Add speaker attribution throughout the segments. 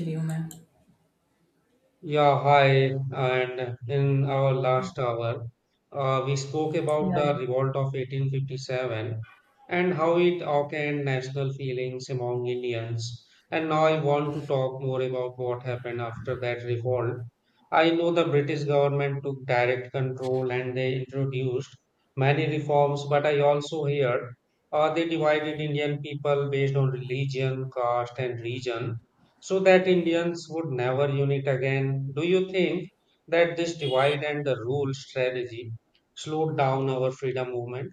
Speaker 1: Human.
Speaker 2: Yeah, hi. And in our last hour, we spoke
Speaker 1: Yeah.
Speaker 2: about the revolt of 1857 and how it awakened national feelings among Indians. And now I want to talk more about what happened after that revolt. I know the British government took direct control and they introduced many reforms, but I also hear they divided Indian people based on religion, caste, and region so that Indians would never unite again. Do you think that this divide and the rule strategy slowed down our freedom movement?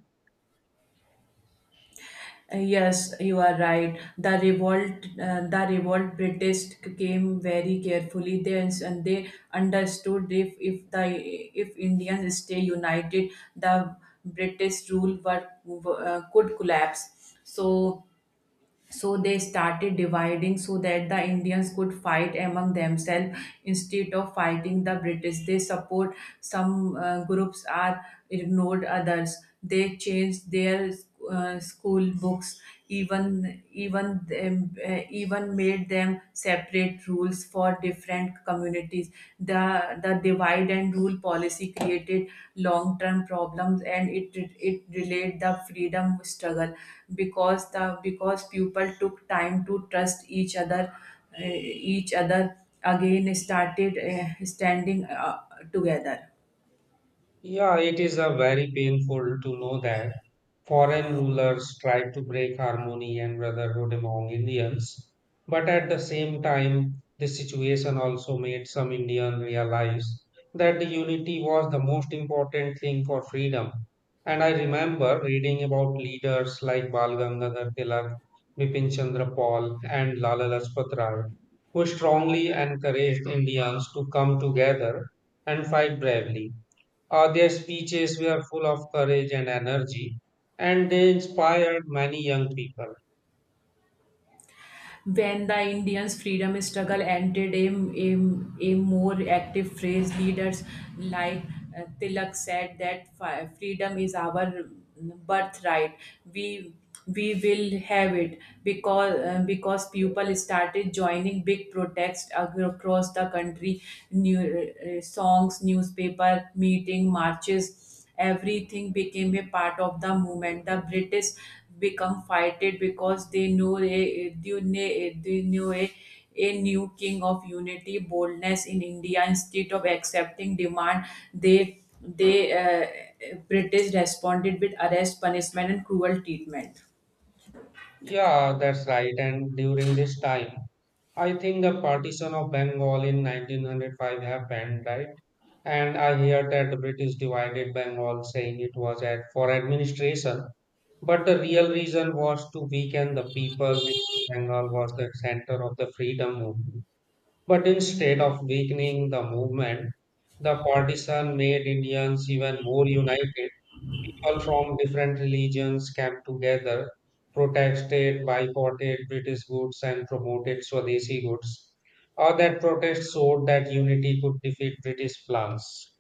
Speaker 1: Yes, you are right. The revolt British came very carefully. They understood if Indians stay united, the British rule could collapse. So they started dividing so that the Indians could fight among themselves instead of fighting the British. They support some groups, are ignored others. They changed their school books, even made them separate rules for different communities. The the divide and rule policy created long term problems, and it delayed the freedom struggle because the because people took time to trust eh, each other again, started standing together.
Speaker 2: Yeah, it is a very painful to know that foreign rulers tried to break harmony and brotherhood among Indians. But at the same time, this situation also made some Indians realize that the unity was the most important thing for freedom. And I remember reading about leaders like Bal Gangadhar Tilak, Bipin Chandra Pal, and Lala Lajpat Rai, who strongly encouraged Indians to come together and fight bravely. Their speeches were full of courage and energy, and they inspired many young people.
Speaker 1: When the Indians' freedom struggle entered a more active phase, leaders like Tilak said that freedom is our birthright. We we will have it because people started joining big protests across the country. New songs, newspaper, meeting, marches, everything became a part of the movement. The British become fighted because they knew a new king of unity, boldness in India. Instead of accepting demand, they British responded with arrest, punishment, and cruel treatment.
Speaker 2: Yeah, that's right. And during this time, I think the partition of Bengal in 1905 happened, right? And I hear that the British divided Bengal, saying it was at for administration, but the real reason was to weaken the people. Because Bengal was the center of the freedom movement. But instead of weakening the movement, the partition made Indians even more united. People from different religions came together, protested, boycotted British goods, and promoted Swadeshi goods. All that protest showed that unity could defeat British plans.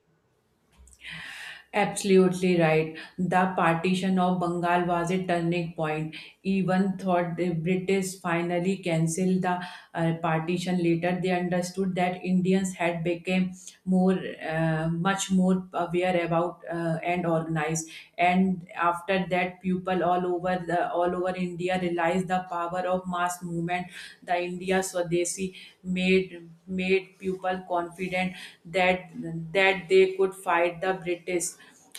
Speaker 1: Absolutely right. The partition of Bengal was a turning point. Even thought the British finally cancelled the partition later, they understood that Indians had become more, much more aware about and organized. And after that, people all over India realized the power of mass movement. The India Swadeshi made made people confident that that they could fight the British,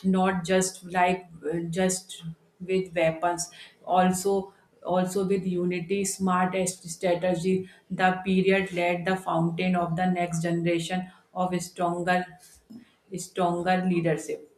Speaker 1: not just with weapons, also also with unity, smart strategy. The period led the fountain of the next generation of stronger leadership.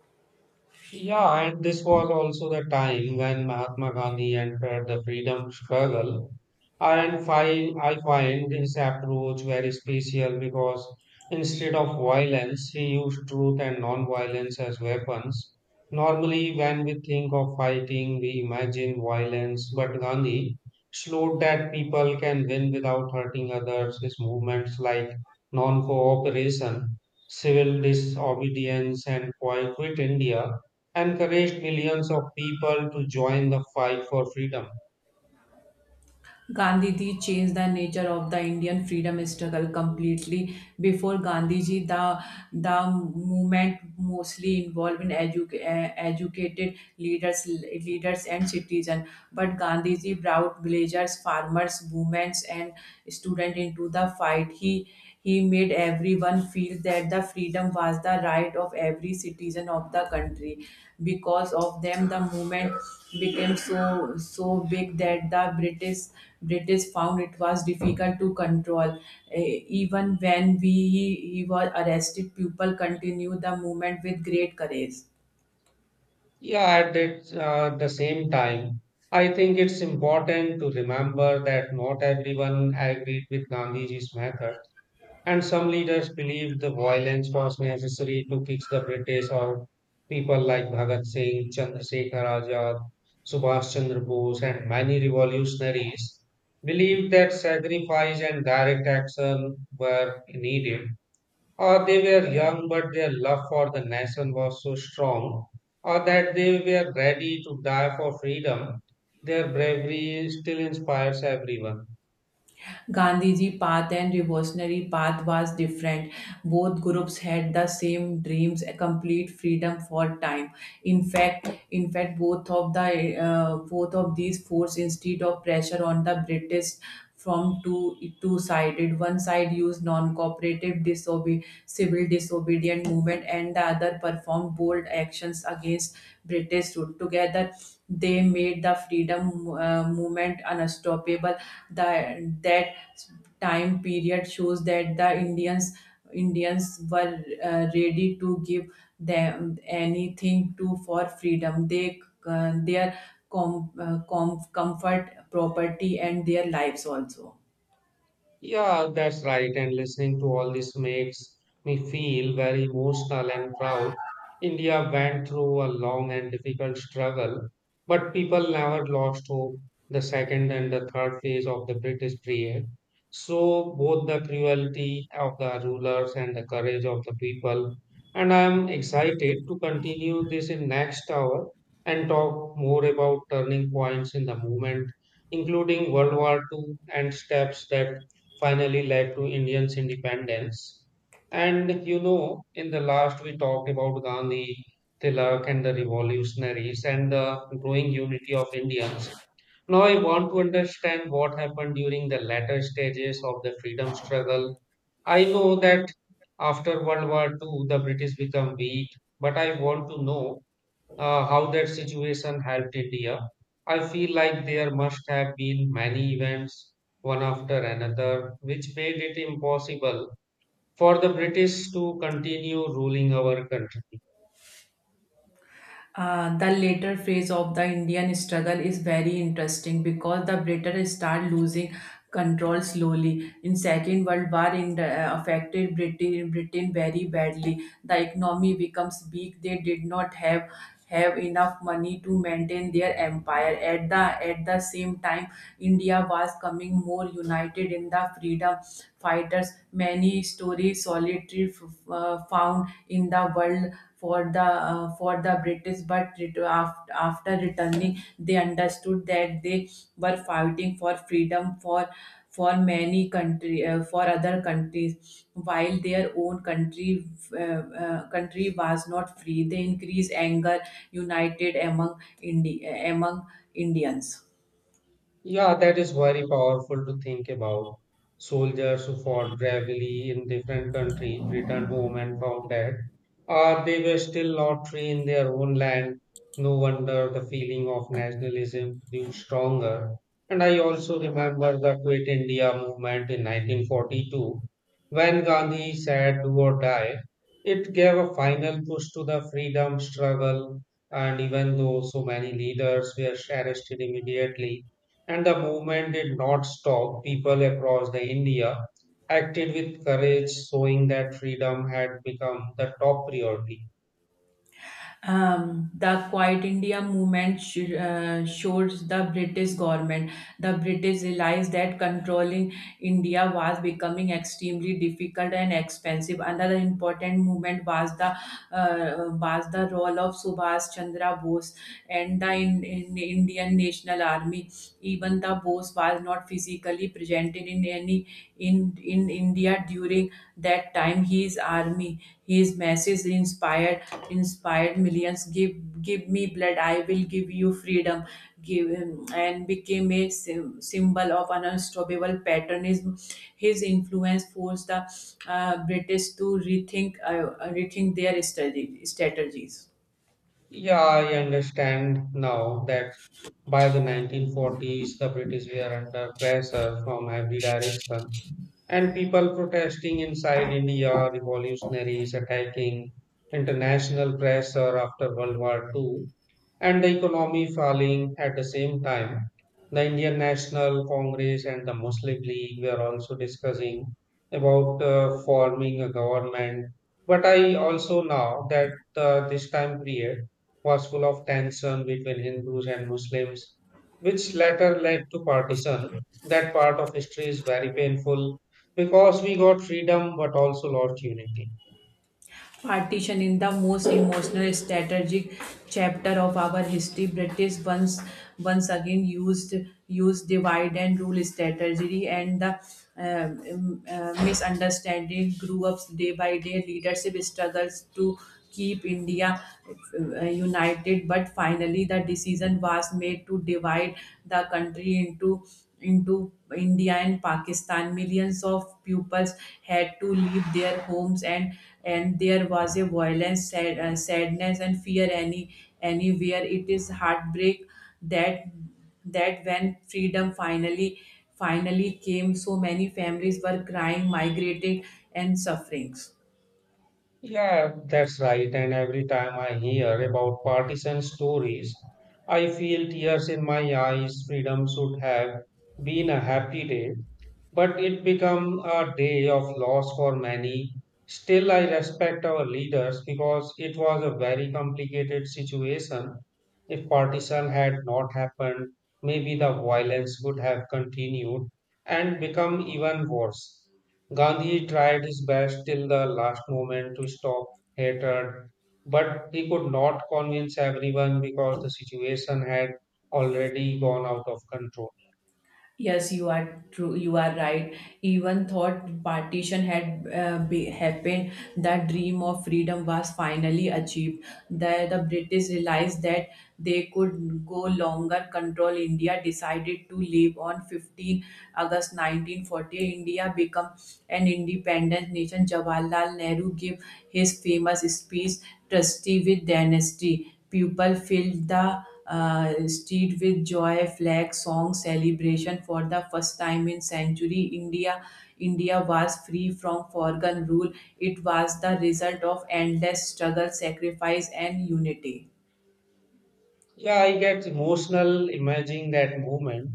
Speaker 2: Yeah, and this was also the time when Mahatma Gandhi entered the freedom struggle. I find his approach very special because instead of violence, he used truth and non-violence as weapons. Normally, when we think of fighting, we imagine violence, but Gandhi showed that people can win without hurting others. His movements like non-cooperation, civil disobedience, and Boycott India encouraged millions of people to join the fight for freedom.
Speaker 1: Gandhiji changed the nature of the Indian freedom struggle completely. Before Gandhiji, the movement mostly involved in educated leaders and citizens. But Gandhiji brought villagers, farmers, women, and students into the fight. He made everyone feel that the freedom was the right of every citizen of the country. Because of them, the movement became so big that the British found it was difficult to control. Eh, Even when he, he was arrested, people continued the movement with great courage.
Speaker 2: At the same time, I think it's important to remember that not everyone agreed with Gandhiji's method, and some leaders believed the violence was necessary to fix the British or people like Bhagat Singh, Chandrasekhar Azad, Subhash Chandra Bose, and many revolutionaries believed that sacrifice and direct action were needed. Or they were young, but their love for the nation was so strong, or that they were ready to die for freedom. Their bravery still inspires everyone.
Speaker 1: Gandhiji path and revolutionary path was different. Both groups had the same dreams, a complete freedom for time. In fact, both of these forced instead of pressure on the British from two sided. One side used non cooperative disobe civil disobedient movement, and the other performed bold actions against British rule. Together, they made the freedom movement unstoppable. That time period shows that the Indians were ready to give them anything to for freedom. They their comfort, property, and their lives also.
Speaker 2: Yeah, that's right. And listening to all this makes me feel very emotional and proud. India went through a long and difficult struggle, but people never lost hope. The second and the third phase of the British period. So, both the cruelty of the rulers and the courage of the people. And I am excited to continue this in next hour and talk more about turning points in the movement, including World War II and steps that finally led to Indians' independence. And you know, in the last we talked about Gandhi, Tilak, and the revolutionaries and the growing unity of Indians. Now, I want to understand what happened during the latter stages of the freedom struggle. I know that after World War II, the British become weak, but I want to know how that situation helped India. I feel like there must have been many events, one after another, which made it impossible for the British to continue ruling our country.
Speaker 1: The later phase of the Indian struggle is very interesting because the British start losing control slowly. In Second World War, affected Britain very badly. The economy becomes weak. They did not have enough money to maintain their empire. At the same time, India was coming more united in the freedom fighters. Many stories solitary found in the world for the British, but after returning, they understood that they were fighting for freedom for many country for other countries, while their own country was not free. They increased anger united among among Indians.
Speaker 2: Yeah, that is very powerful to think about. Soldiers who fought bravely in different countries returned home and found that they were still not free in their own land. No wonder the feeling of nationalism grew stronger. And I also remember the Quit India movement in 1942. When Gandhi said do or die, it gave a final push to the freedom struggle. And even though so many leaders were arrested immediately, and the movement did not stop. People across the India acted with courage, showing that freedom had become the top priority.
Speaker 1: The Quiet India movement shows the British government. The British realized that controlling India was becoming extremely difficult and expensive. Another important movement was the role of Subhash Chandra Bose and the in Indian National Army. Even the boss was not physically presented in any in India during that time. His army, his message inspired millions. Give me blood, I will give you freedom. And became a symbol of an unstoppable patriotism. His influence forced the British to rethink their strategies.
Speaker 2: Yeah, I understand now that by the 1940s, the British were under pressure from every direction, and people protesting inside India, revolutionaries attacking international pressure after World War II. And the economy falling at the same time. The Indian National Congress and the Muslim League were also discussing about forming a government. But I also know that this time period was full of tension between Hindus and Muslims, which later led to partition. That part of history is very painful because we got freedom but also lost unity.
Speaker 1: Partition in the most emotional strategic chapter of our history, British once again used divide and rule strategy, and the misunderstanding grew up day by day. Leadership struggles to keep India united, but finally the decision was made to divide the country into India and Pakistan. Millions of pupils had to leave their homes, and there was a violence, sadness, and fear anywhere. It is heartbreak that that when freedom finally came, so many families were crying, migrated, and sufferings.
Speaker 2: Yeah, that's right. And every time I hear about partisan stories, I feel tears in my eyes. Freedom should have been a happy day, but it became a day of loss for many. Still, I respect our leaders because it was a very complicated situation. If partition had not happened, maybe the violence would have continued and become even worse. Gandhi tried his best till the last moment to stop hatred, but he could not convince everyone because the situation had already gone out of control.
Speaker 1: Yes, you are true. You are right. Even thought partition had happened, that dream of freedom was finally achieved. The British realized that they could go longer control India, decided to leave on 15 August 1940. India become an independent nation. Jawaharlal Nehru gave his famous speech, Trusty with Dynasty. People filled the street with joy, flag, song, celebration. For the first time in century, India was free from foreign rule. It was the result of endless struggle, sacrifice, and unity.
Speaker 2: Yeah, I get emotional imagining that moment.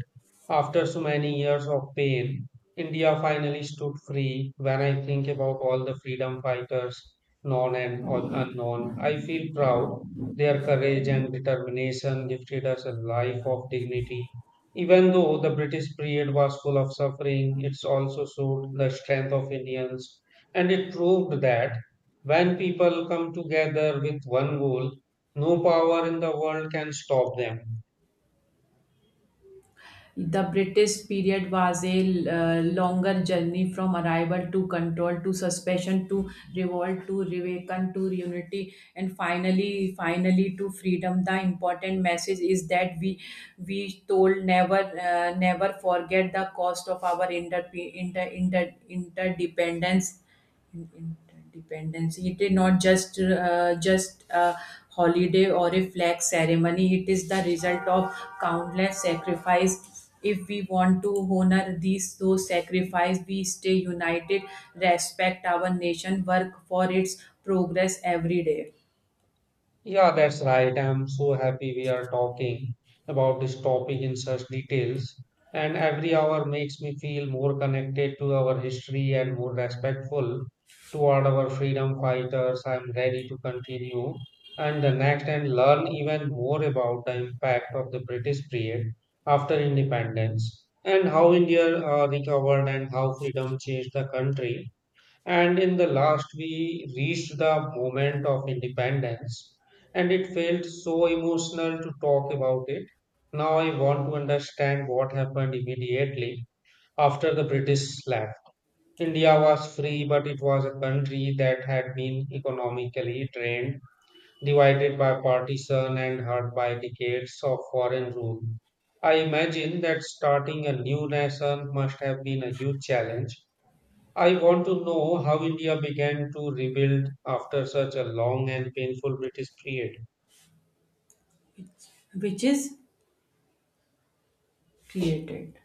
Speaker 2: After so many years of pain, India finally stood free. When I think about all the freedom fighters, known and unknown, I feel proud. Their courage and determination gifted us a life of dignity. Even though the British period was full of suffering, it also showed the strength of Indians. And it proved that when people come together with one goal, no power in the world can stop them.
Speaker 1: The British period was a longer journey from arrival to control to suspension to revolt to reawaken to unity and finally to freedom. The important message is that we told never forget the cost of our interdependence in- It is not just a holiday or a flag ceremony. It is the result of countless sacrifice. If we want to honor these those sacrifice, we stay united, respect our nation, work for its progress every day,
Speaker 2: Yeah, that's right. I'm so happy we are talking about this topic in such details. And every hour makes me feel more connected to our history and more respectful toward our freedom fighters. I'm ready to continue and the next and learn even more about the impact of the British period after independence and how India recovered and how freedom changed the country. And in the last, we reached the moment of independence, and it felt so emotional to talk about it. Now I want to understand what happened immediately after the British left. India was free, but it was a country that had been economically drained, divided by partition, and hurt by decades of foreign rule. I imagine that starting a new nation must have been a huge challenge. I want to know how India began to rebuild after such a long and painful British period.
Speaker 1: which is created.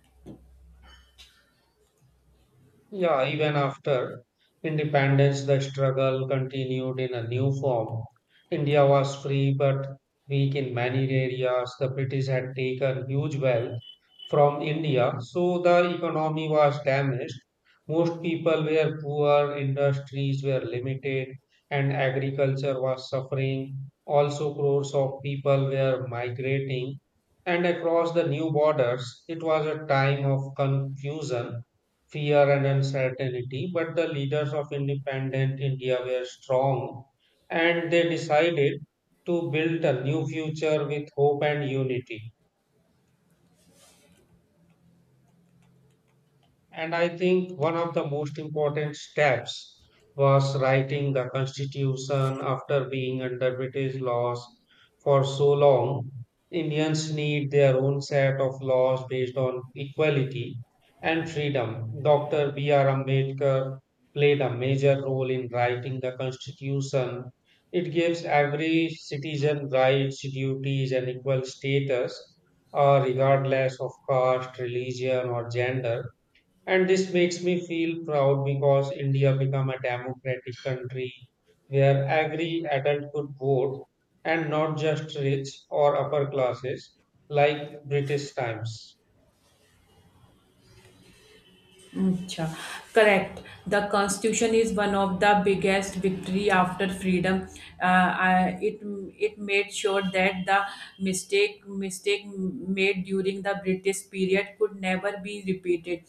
Speaker 2: Yeah, even after independence, the struggle continued in a new form. India was free but weak in many areas. The British had taken huge wealth from India, so the economy was damaged. Most people were poor, industries were limited, and agriculture was suffering. Also, crores of people were migrating, and across the new borders, it was a time of confusion, fear and uncertainty, but the leaders of independent India were strong and they decided to build a new future with hope and unity. And I think one of the most important steps was writing the constitution after being under British laws for so long. Indians need their own set of laws based on equality and freedom. Dr. B.R. Ambedkar played a major role in writing the constitution. It gives every citizen rights, duties, and equal status, regardless of caste, religion, or gender, and this makes me feel proud because India become a democratic country where every adult could vote and not just rich or upper classes like British times.
Speaker 1: Acha. Correct. The Constitution is one of the biggest victory after freedom. Uh, I- it it made sure that the mistake made during the British period could never be repeated.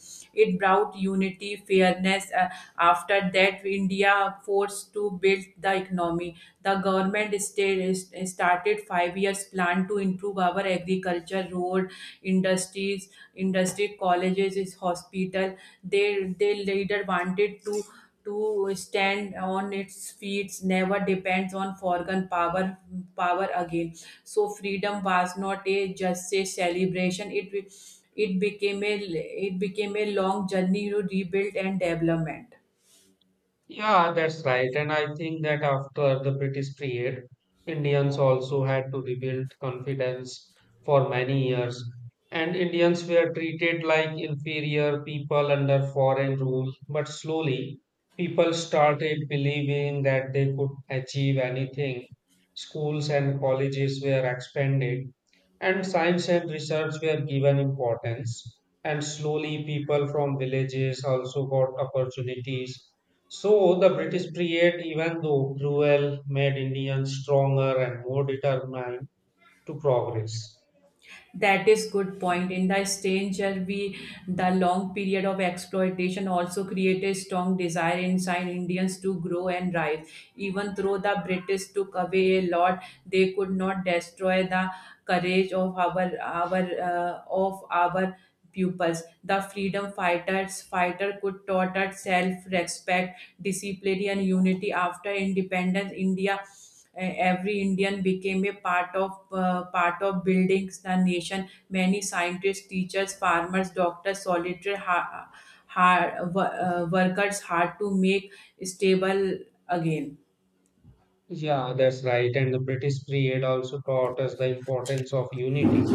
Speaker 1: It brought unity, fairness. After that, India forced to build the economy. The government started five years plan to improve our agriculture, road, industries, industry, colleges, is hospital. They later wanted to stand on its feet, never depends on foreign power again. So freedom was not a just a celebration, it became a it became a long journey to rebuild and development.
Speaker 2: Yeah, that's right. And I think that after the British period, Indians also had to rebuild confidence for many years. And Indians were treated like inferior people under foreign rule. But slowly, people started believing that they could achieve anything. Schools and colleges were expanded, and science and research were given importance. And slowly, people from villages also got opportunities so the British period, even though cruel, made Indians stronger and more determined to progress.
Speaker 1: That is good point. In the stranger, we the long period of exploitation also created strong desire inside Indians to grow and rise. Even though the British took away a lot, they could not destroy the courage of our pupils. The freedom fighter could taught us self-respect, discipline, and unity. After independence, India. Every Indian became a part of building the nation. Many scientists, teachers, farmers, doctors, solitary workers hard to make stable again.
Speaker 2: Yeah, that's right. And the British period also taught us the importance of unity.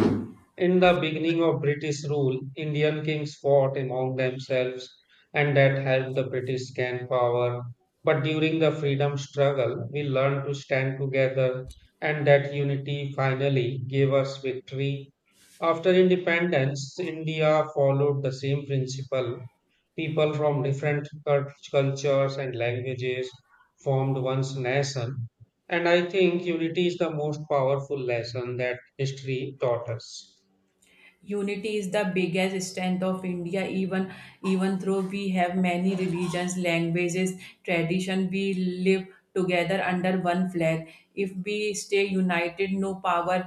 Speaker 2: In the beginning of British rule, Indian kings fought among themselves and that helped the British gain power. But during the freedom struggle, we learned to stand together and that unity finally gave us victory. After independence, India followed the same principle. People from different cultures and languages formed one's nation. And I think unity is the most powerful lesson that history taught us.
Speaker 1: Unity is the biggest strength of India. Even even though we have many religions, languages, tradition, we live together under one flag. If we stay united, no power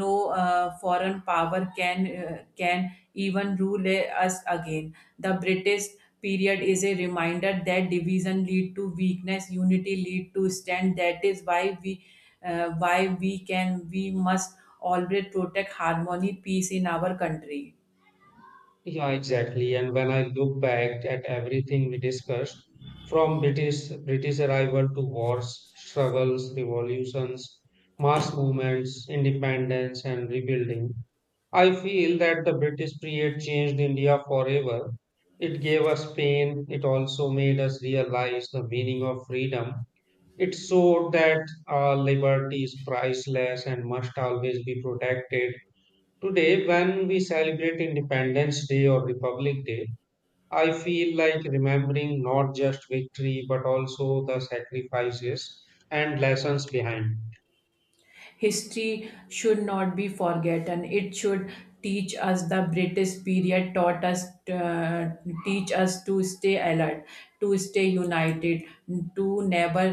Speaker 1: no foreign power can even rule us again. The British period is a reminder that division lead to weakness, unity lead to strength. That is why we can we must always protect harmony, peace in our country.
Speaker 2: Yeah, exactly. And when I look back at everything we discussed, from British arrival to wars, struggles, revolutions, mass movements, independence, and rebuilding, I feel that the British period changed India forever. It gave us pain. It also made us realize the meaning of freedom. It showed that our liberty is priceless and must always be protected. Today, when we celebrate Independence Day or Republic Day, I feel like remembering not just victory but also the sacrifices and lessons behind.
Speaker 1: History should not be forgotten. It should teach us. The British period taught us uh, teach us to stay alert, to stay united, to never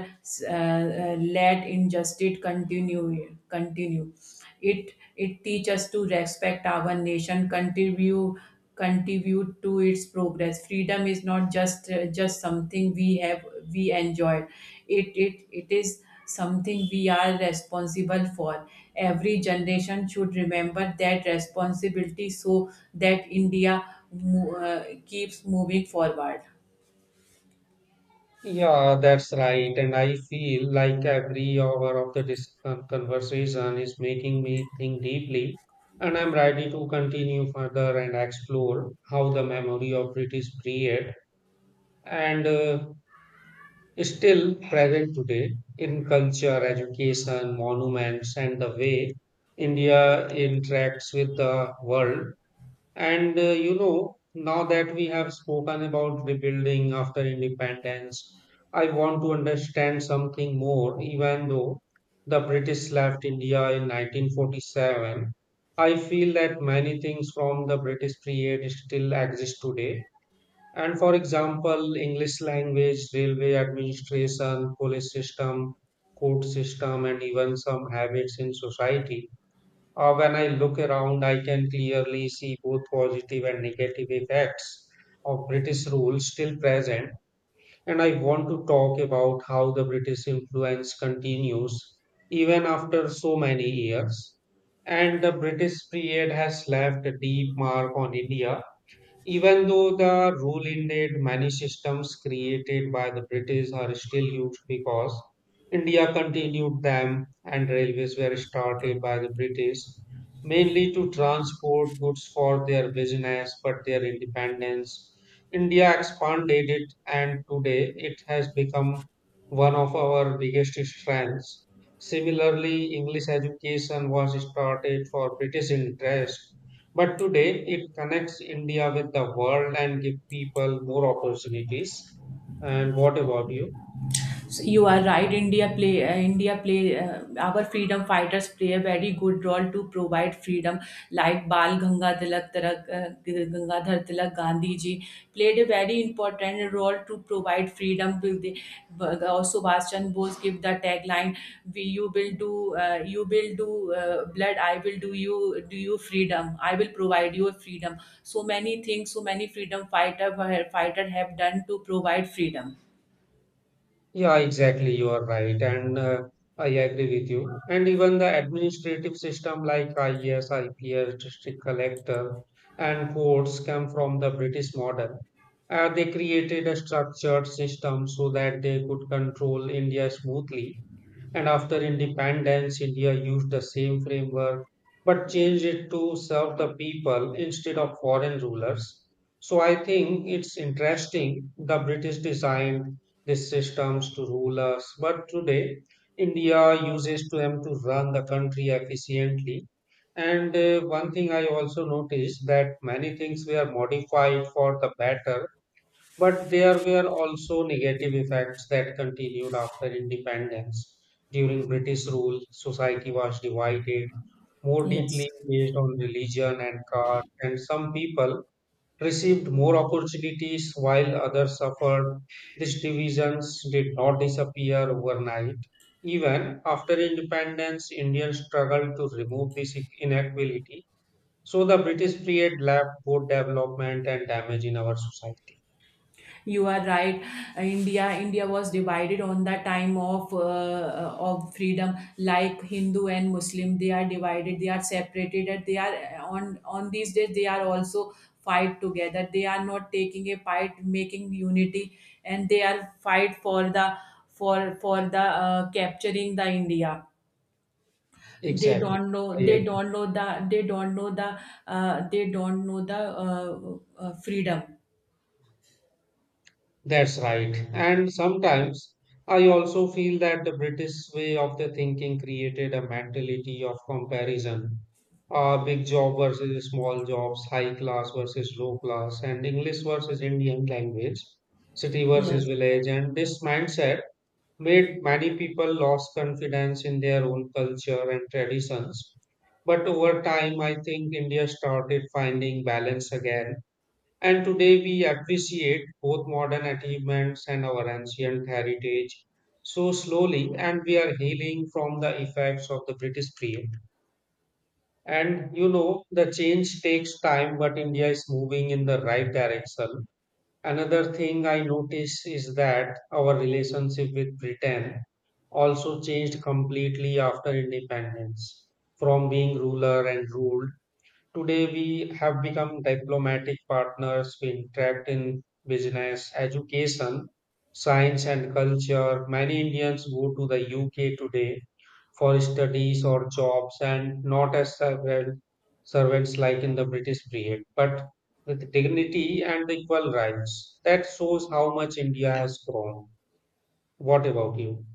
Speaker 1: let injustice continue. It teaches us to respect our nation, contribute to its progress. Freedom is not just something we enjoy. It is something we are responsible for. Every generation should remember that responsibility so that India keeps moving forward.
Speaker 2: Yeah, that's right. And I feel like every hour of the conversation is making me think deeply. And I'm ready to continue further and explore how the memory of British period and is still present today in culture, education, monuments, and the way India interacts with the world. Now that we have spoken about rebuilding after independence, I want to understand something more, even though the British left India in 1947. I feel that many things from the British period still exist today, and for example, english language, railway administration, police system, court system, and even some habits in society. When I look around I can clearly see both positive and negative effects of british rule still present, and I want to talk about how the british influence continues even after so many years. And the british period has left a deep mark on india. Even though the rule ended, many systems created by the British are still used because India continued them. And railways were started by the British mainly to transport goods for their business, but their independence. India expanded it and today it has become one of our biggest strengths. Similarly, English education was started for British interest but today it connects India with the world and give people more opportunities. And what about you?
Speaker 1: So you are right. India play Our freedom fighters play a very good role to provide freedom. Like Bal Gangadhar Tilak, Gandhi ji played a very important role to provide freedom. Also, Subhash Chandra Bose give the tagline: "We you will do blood. I will do you freedom. I will provide you freedom." So many things, so many freedom fighter have done to provide freedom.
Speaker 2: Yeah, exactly. You are right. And I agree with you. And even the administrative system like IAS, district collector, and courts come from the British model. They created a structured system so that they could control India smoothly. And after independence, India used the same framework but changed it to serve the people instead of foreign rulers. So I think it's interesting, the British designed these systems to rule us, but today India uses them to run the country efficiently. And One thing I also noticed that many things were modified for the better, but there were also negative effects that continued after independence. During British rule, society was divided more
Speaker 1: Yes.
Speaker 2: deeply based on religion and caste, and some people received more opportunities while others suffered. These divisions did not disappear overnight. Even after independence, Indians struggled to remove this inequality. So the British period left both development and damage in our society.
Speaker 1: You are right. India was divided on the time of freedom, like Hindu and Muslim. They are divided. They are separated. And they are on these days. They are also fight together. They are not taking a fight, making unity, and they are fight for the capturing the India. They
Speaker 2: Exactly.
Speaker 1: don't know.
Speaker 2: I
Speaker 1: They
Speaker 2: agree.
Speaker 1: don't know the. They don't know the. They don't know the freedom.
Speaker 2: That's right. And sometimes I also feel that the British way of the thinking created a mentality of comparison. Big job versus small jobs, high class versus low class, and English versus Indian language, city versus
Speaker 1: Yes.
Speaker 2: village. And this mindset made many people lost confidence in their own culture and traditions. But over time, I think India started finding balance again. And today we appreciate both modern achievements and our ancient heritage so slowly, and we are healing from the effects of the British period. And you know, the change takes time, but India is moving in the right direction. Another thing I notice is that our relationship with Britain also changed completely after independence, from being ruler and ruled. Today, we have become diplomatic partners. We interact in business, education, science, and culture. Many Indians go to the UK today for studies or jobs and not as servant, servants like in the British period, but with dignity and equal rights. That shows how much India has grown. What about you?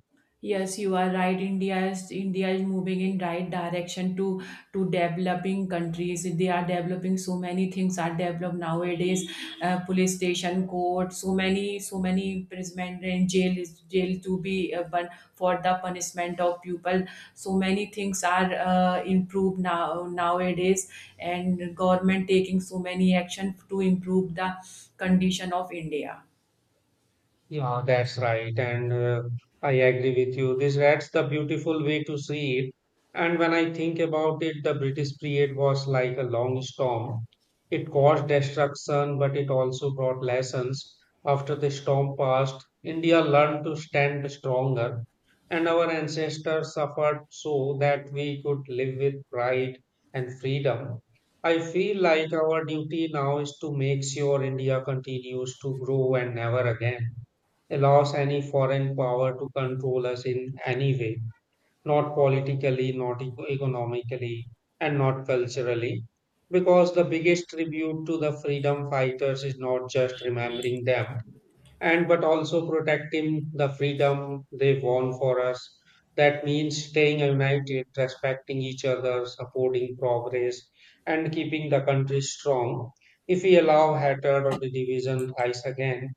Speaker 1: Yes, you are right. India is moving in right direction to developing countries. They are developing, so many things are developed nowadays. Police station, court, so many imprisonment and jail to be for the punishment of people. So many things are improved nowadays, and government taking so many action to improve the condition of India.
Speaker 2: Yeah, that's right. And I agree with you. This that's the beautiful way to see it. And when I think about it, the British period was like a long storm. It caused destruction, but it also brought lessons. After the storm passed, India learned to stand stronger, and our ancestors suffered so that we could live with pride and freedom. I feel like our duty now is to make sure India continues to grow and never again allows any foreign power to control us in any way, not politically, not eco- economically, and not culturally. Because the biggest tribute to the freedom fighters is not just remembering them, and but also protecting the freedom they won for us. That means staying united, respecting each other, supporting progress, and keeping the country strong. If we allow hatred or division rise again,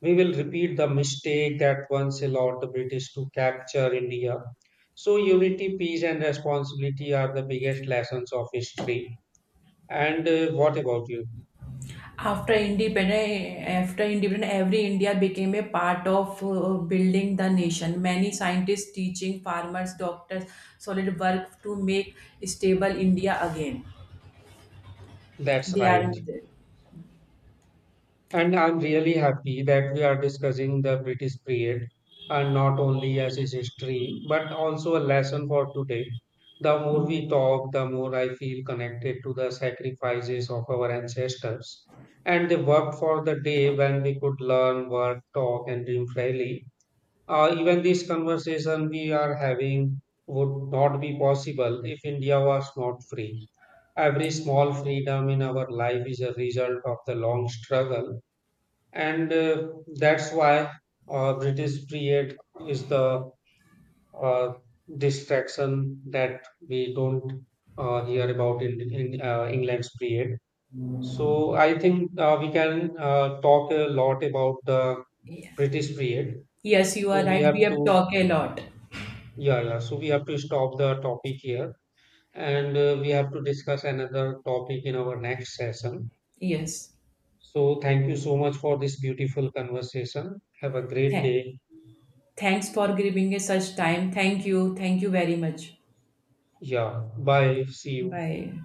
Speaker 2: we will repeat the mistake that once allowed the British to capture India. So, unity, peace, and responsibility are the biggest lessons of history. And What about you?
Speaker 1: After independence, every India became a part of building the nation. Many scientists, teaching farmers, doctors, solid work to make stable India again.
Speaker 2: That's
Speaker 1: They are
Speaker 2: right.
Speaker 1: in the.
Speaker 2: And I'm really happy that we are discussing the British period and not only as its history, but also a lesson for today. The more
Speaker 1: Mhm.
Speaker 2: we talk, the more I feel connected to the sacrifices of our ancestors. And they worked for the day when we could learn, work, talk, and dream freely. Even this conversation we are having would not be possible if India was not free. Every small freedom in our life is a result of the long struggle and that's why British period is the uh, distraction that we don't hear about in England's period. So I think we can talk a lot about the
Speaker 1: Yeah.
Speaker 2: British period.
Speaker 1: Yes, you are
Speaker 2: So we
Speaker 1: right.
Speaker 2: have
Speaker 1: We have
Speaker 2: to
Speaker 1: talked a lot.
Speaker 2: yeah, yeah. So we have to stop the topic here, and we have to discuss another topic in our next session.
Speaker 1: Yes.
Speaker 2: So thank you so much for this beautiful conversation. Have a great
Speaker 1: Thank.
Speaker 2: day.
Speaker 1: Thanks for giving us such time. Thank you. Thank you very much.
Speaker 2: Yeah. Bye. See you.
Speaker 1: Bye.